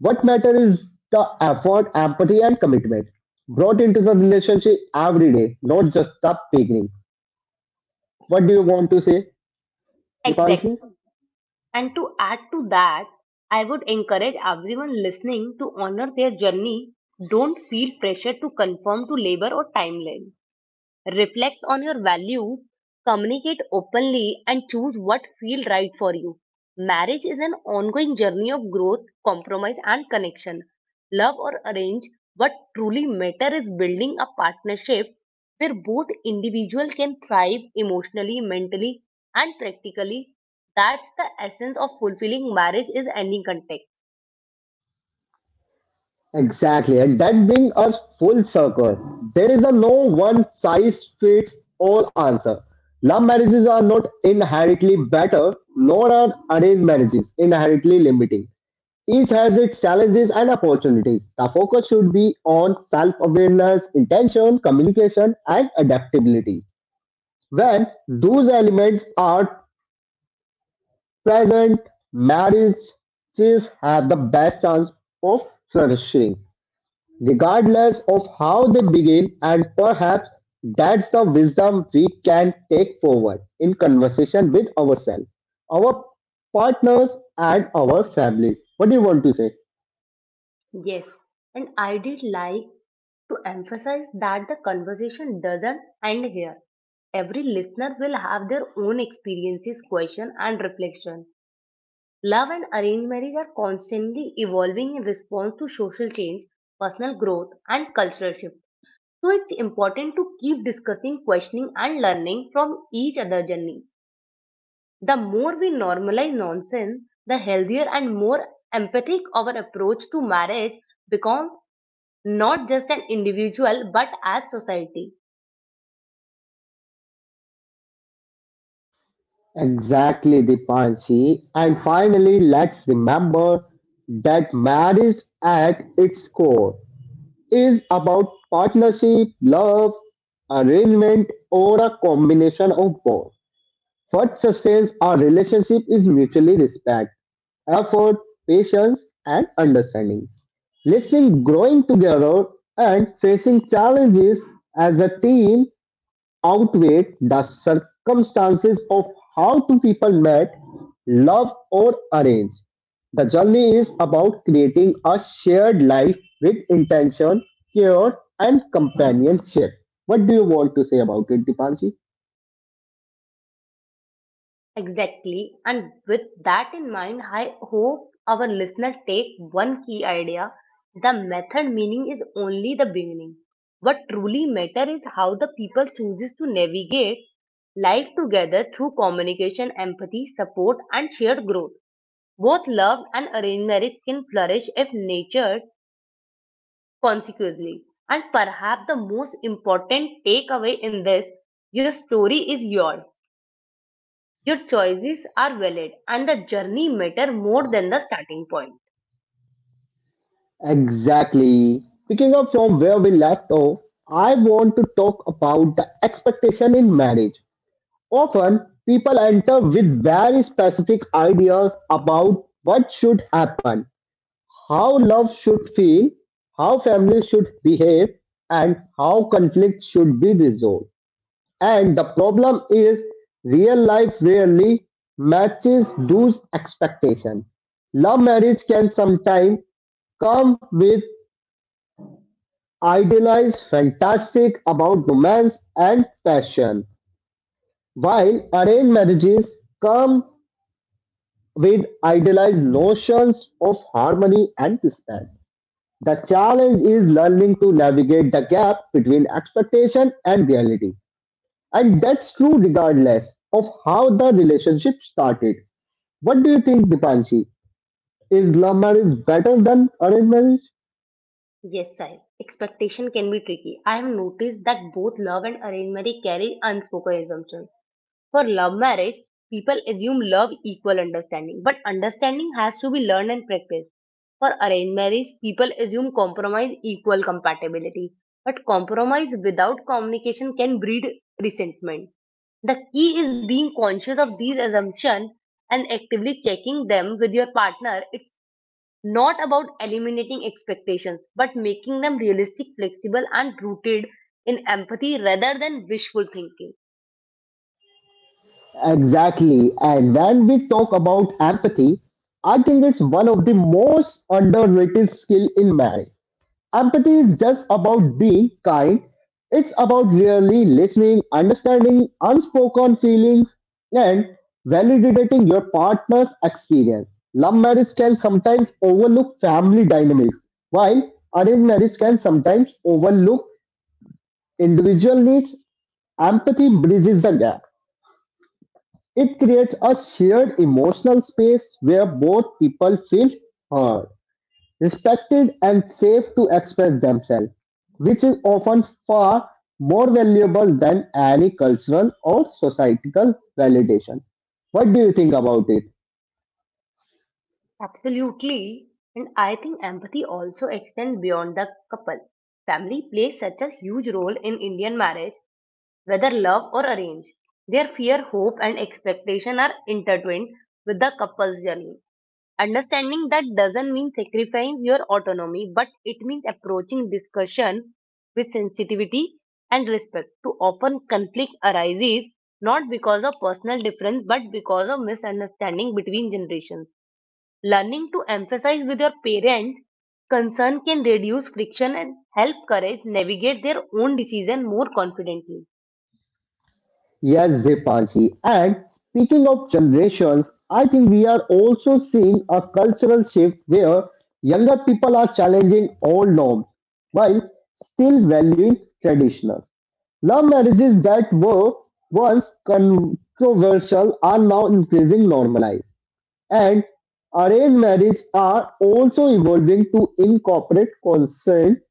What matters is the effort, empathy, and commitment brought into the relationship every day, not just the beginning. What do you want to say, Dipanshu?
Exactly. And to add to that, I would encourage everyone listening to honor their journey. Don't feel pressure to conform to labor or timeline. Reflect on your values, communicate openly, and choose what feels right for you. Marriage is an ongoing journey of growth, compromise, and connection. Love or arrange, what truly matters is building a partnership where both individuals can thrive emotionally, mentally, and practically. That's the essence of fulfilling marriage is any context.
Exactly, and that brings us full circle. There is a no one size fits all answer. Love marriages are not inherently better, nor are arranged marriages inherently limiting. Each has its challenges and opportunities. The focus should be on self awareness, intention, communication, and adaptability. When those elements are present, marriages have the best chance of flourishing, regardless of how they begin, and perhaps that's the wisdom we can take forward in conversation with ourselves, our partners, and our family. What do you want to say?
Yes, and I did like to emphasize that the conversation doesn't end here. Every listener will have their own experiences, question, and reflection. Love and arranged marriage are constantly evolving in response to social change, personal growth, and cultural shift. So it's important to keep discussing, questioning, and learning from each other's journeys. The more we normalize nonsense, the healthier and more empathic our approach to marriage becomes, not just an individual but as society.
Exactly, Dipanshi. And finally, let's remember that marriage at its core is about partnership, love, arrangement, or a combination of both. What sustains our relationship is mutually respect, effort, patience, and understanding. Listening, growing together, and facing challenges as a team outweigh the circumstances of how two people met, love, or arrange. The journey is about creating a shared life with intention, care, and companionship. What do you want to say about it, Dipanshi?
Exactly. And with that in mind, I hope our listener take one key idea. The method meaning is only the beginning. What truly matter is how the people chooses to navigate life together through communication, empathy, support and shared growth. Both love and arranged marriage can flourish if nurtured consequently. And perhaps the most important takeaway in this, your story is yours, your choices are valid, and the journey matter more than the starting point.
Exactly. Picking up from where we left off, I want to talk about the expectation in marriage. Often, people enter with very specific ideas about what should happen, how love should feel, how families should behave, and how conflict should be resolved. And the problem is, real life rarely matches those expectations. Love marriage can sometimes come with idealize fantastic about romance and passion, while arranged marriages come with idealized notions of harmony and respect. The challenge is learning to navigate the gap between expectation and reality. And that's true regardless of how the relationship started. What do you think, Dipanshi? Is love marriage better than arranged marriage?
Yes, Sai. Expectation can be tricky. I have noticed that both love and arranged marriage carry unspoken assumptions. For love marriage, people assume love equal understanding, but understanding has to be learned and practiced. For arranged marriage, people assume compromise equal compatibility, but compromise without communication can breed resentment. The key is being conscious of these assumptions and actively checking them with your partner. It's not about eliminating expectations, but making them realistic, flexible, and rooted in empathy rather than wishful thinking.
Exactly. And when we talk about empathy, I think it's one of the most underrated skill in marriage. Empathy is just about being kind. It's about really listening, understanding unspoken feelings, and validating your partner's experience. Love marriage can sometimes overlook family dynamics, while arranged marriage can sometimes overlook individual needs. Empathy bridges the gap. It creates a shared emotional space where both people feel heard, respected, and safe to express themselves, which is often far more valuable than any cultural or societal validation. What do you think about it?
Absolutely. And I think empathy also extends beyond the couple. Family plays such a huge role in Indian marriage, whether love or arrange. Their fear, hope, and expectation are intertwined with the couple's journey. Understanding that doesn't mean sacrificing your autonomy, but it means approaching discussion with sensitivity and respect. Too often, conflict arises not because of personal difference, but because of misunderstanding between generations. Learning to emphasize with your parents' concern can reduce friction and help courage navigate their own decision more confidently.
Yes, Dipanshi. And speaking of generations, I think we are also seeing a cultural shift where younger people are challenging old norms while still valuing traditional. Love marriages that were once controversial are now increasingly normalized, and arranged marriages are also evolving to incorporate consent,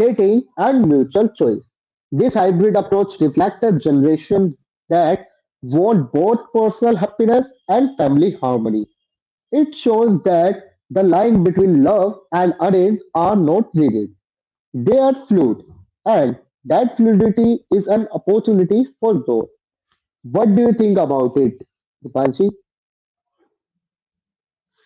dating, and mutual choice. This hybrid approach reflects a generation that want both personal happiness and family harmony. It shows that the line between love and arrange are not rigid, they are fluid, and that fluidity is an opportunity for growth. What do you think about it, Dipanshi?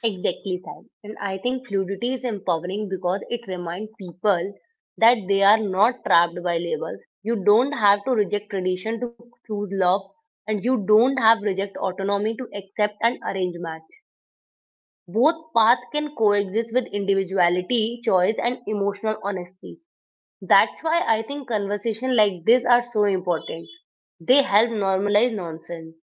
Exactly, Sai. And I think fluidity is empowering because it reminds people that they are not trapped by labels. You don't have to reject tradition to choose love, and you don't have to reject autonomy to accept an arranged match. Both paths can coexist with individuality, choice, and emotional honesty. That's why I think conversations like this are so important. They help normalize nonsense.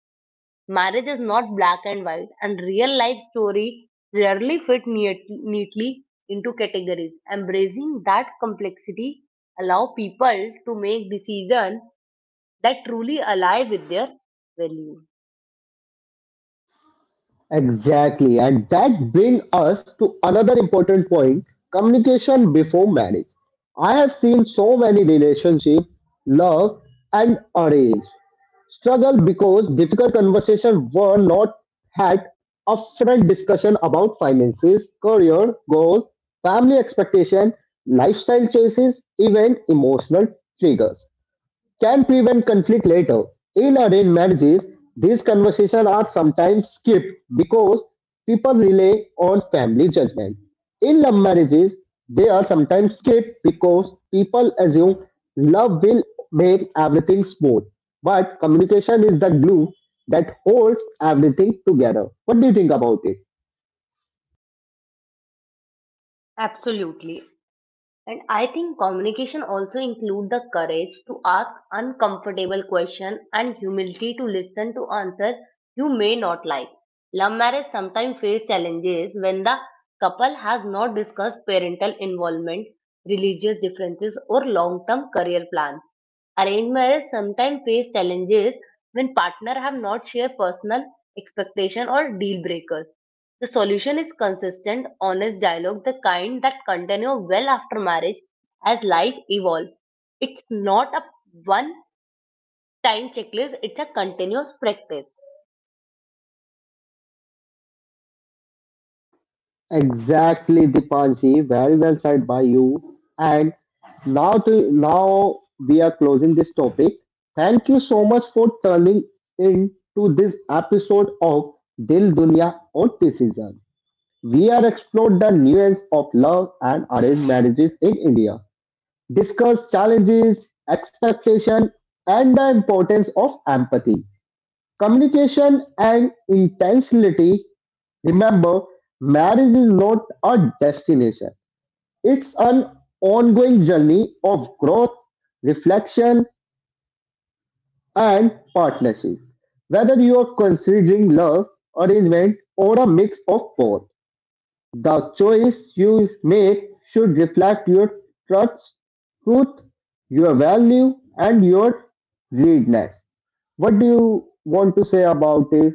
Marriage is not black and white, and real life story rarely fit neat- neatly into categories. Embracing that complexity allow people to make decisions that truly align with their value.
Exactly, and that brings us to another important point, communication before marriage. I have seen so many relationships, love and arrange, struggle because difficult conversations were not had upfront. Discussion about finances, career, goals, family expectation, lifestyle choices, even emotional triggers can prevent conflict later. In arranged marriages, these conversations are sometimes skipped because people rely on family judgment. In love marriages, they are sometimes skipped because people assume love will make everything smooth. But communication is the glue that holds everything together. What do you think about it?
Absolutely. And I think communication also include the courage to ask uncomfortable question and humility to listen to answer you may not like. Love marriage sometimes face challenges when the couple has not discussed parental involvement, religious differences or long-term career plans. Arranged marriage sometimes face challenges when partner have not shared personal expectation or deal breakers. The solution is consistent, honest dialogue, the kind that continue well after marriage as life evolves. It's not a one time checklist, it's a continuous practice.
Exactly, Dipanji. Very well said by you. And now, to, now we are closing this topic. Thank you so much for turning in to this episode of Dil Dunya Autism. We are explored the nuance of love and arranged marriages in India, discuss challenges, expectation, and the importance of empathy, communication, and intentionality. Remember, marriage is not a destination. It's an ongoing journey of growth, reflection, and partnership. Whether you are considering love, arrangement, or a mix of both, the choice you make should reflect your trust, truth, your value, and your readiness. What do you want to say about this,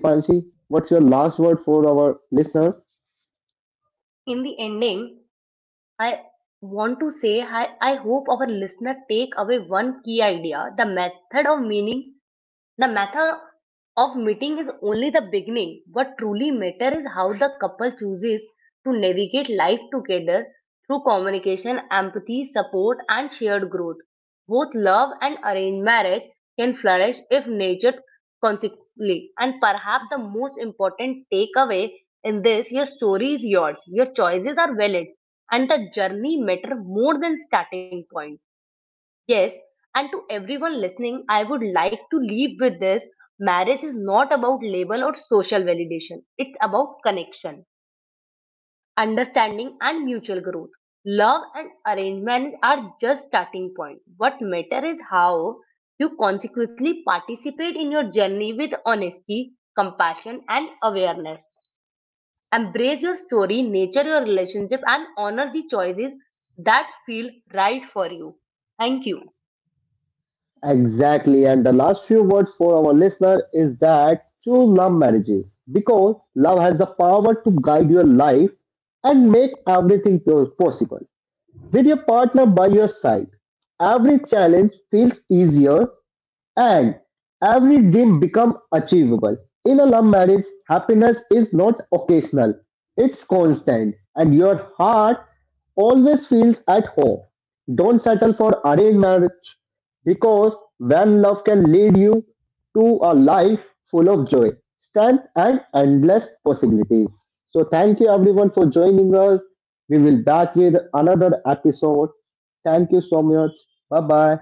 Dipanshi? What's your last word for our listeners?
In the ending, I want to say I, I hope our listener take away one key idea. The method of meaning The method of meeting is only the beginning. What truly matters is how the couple chooses to navigate life together through communication, empathy, support, and shared growth. Both love and arranged marriage can flourish if nurtured consequently. And perhaps the most important takeaway in this, your story is yours, your choices are valid, and the journey matter more than starting point. Yes, and to everyone listening, I would like to leave with this: marriage is not about label or social validation, it's about connection, understanding, and mutual growth. Love and arrangements are just starting point. What matter is how you consequently participate in your journey with honesty, compassion, and awareness. Embrace your story, nature your relationship, and honor the choices that feel right for you. Thank you.
Exactly. And the last few words for our listener is that choose love marriages because love has the power to guide your life and make everything po- possible. With your partner by your side, every challenge feels easier and every dream become achievable. In a love marriage, happiness is not occasional, it's constant, and your heart always feels at home. Don't settle for arranged marriage because when love can lead you to a life full of joy, strength, and endless possibilities. So, thank you everyone for joining us. We will back with another episode. Thank you so much. Bye bye.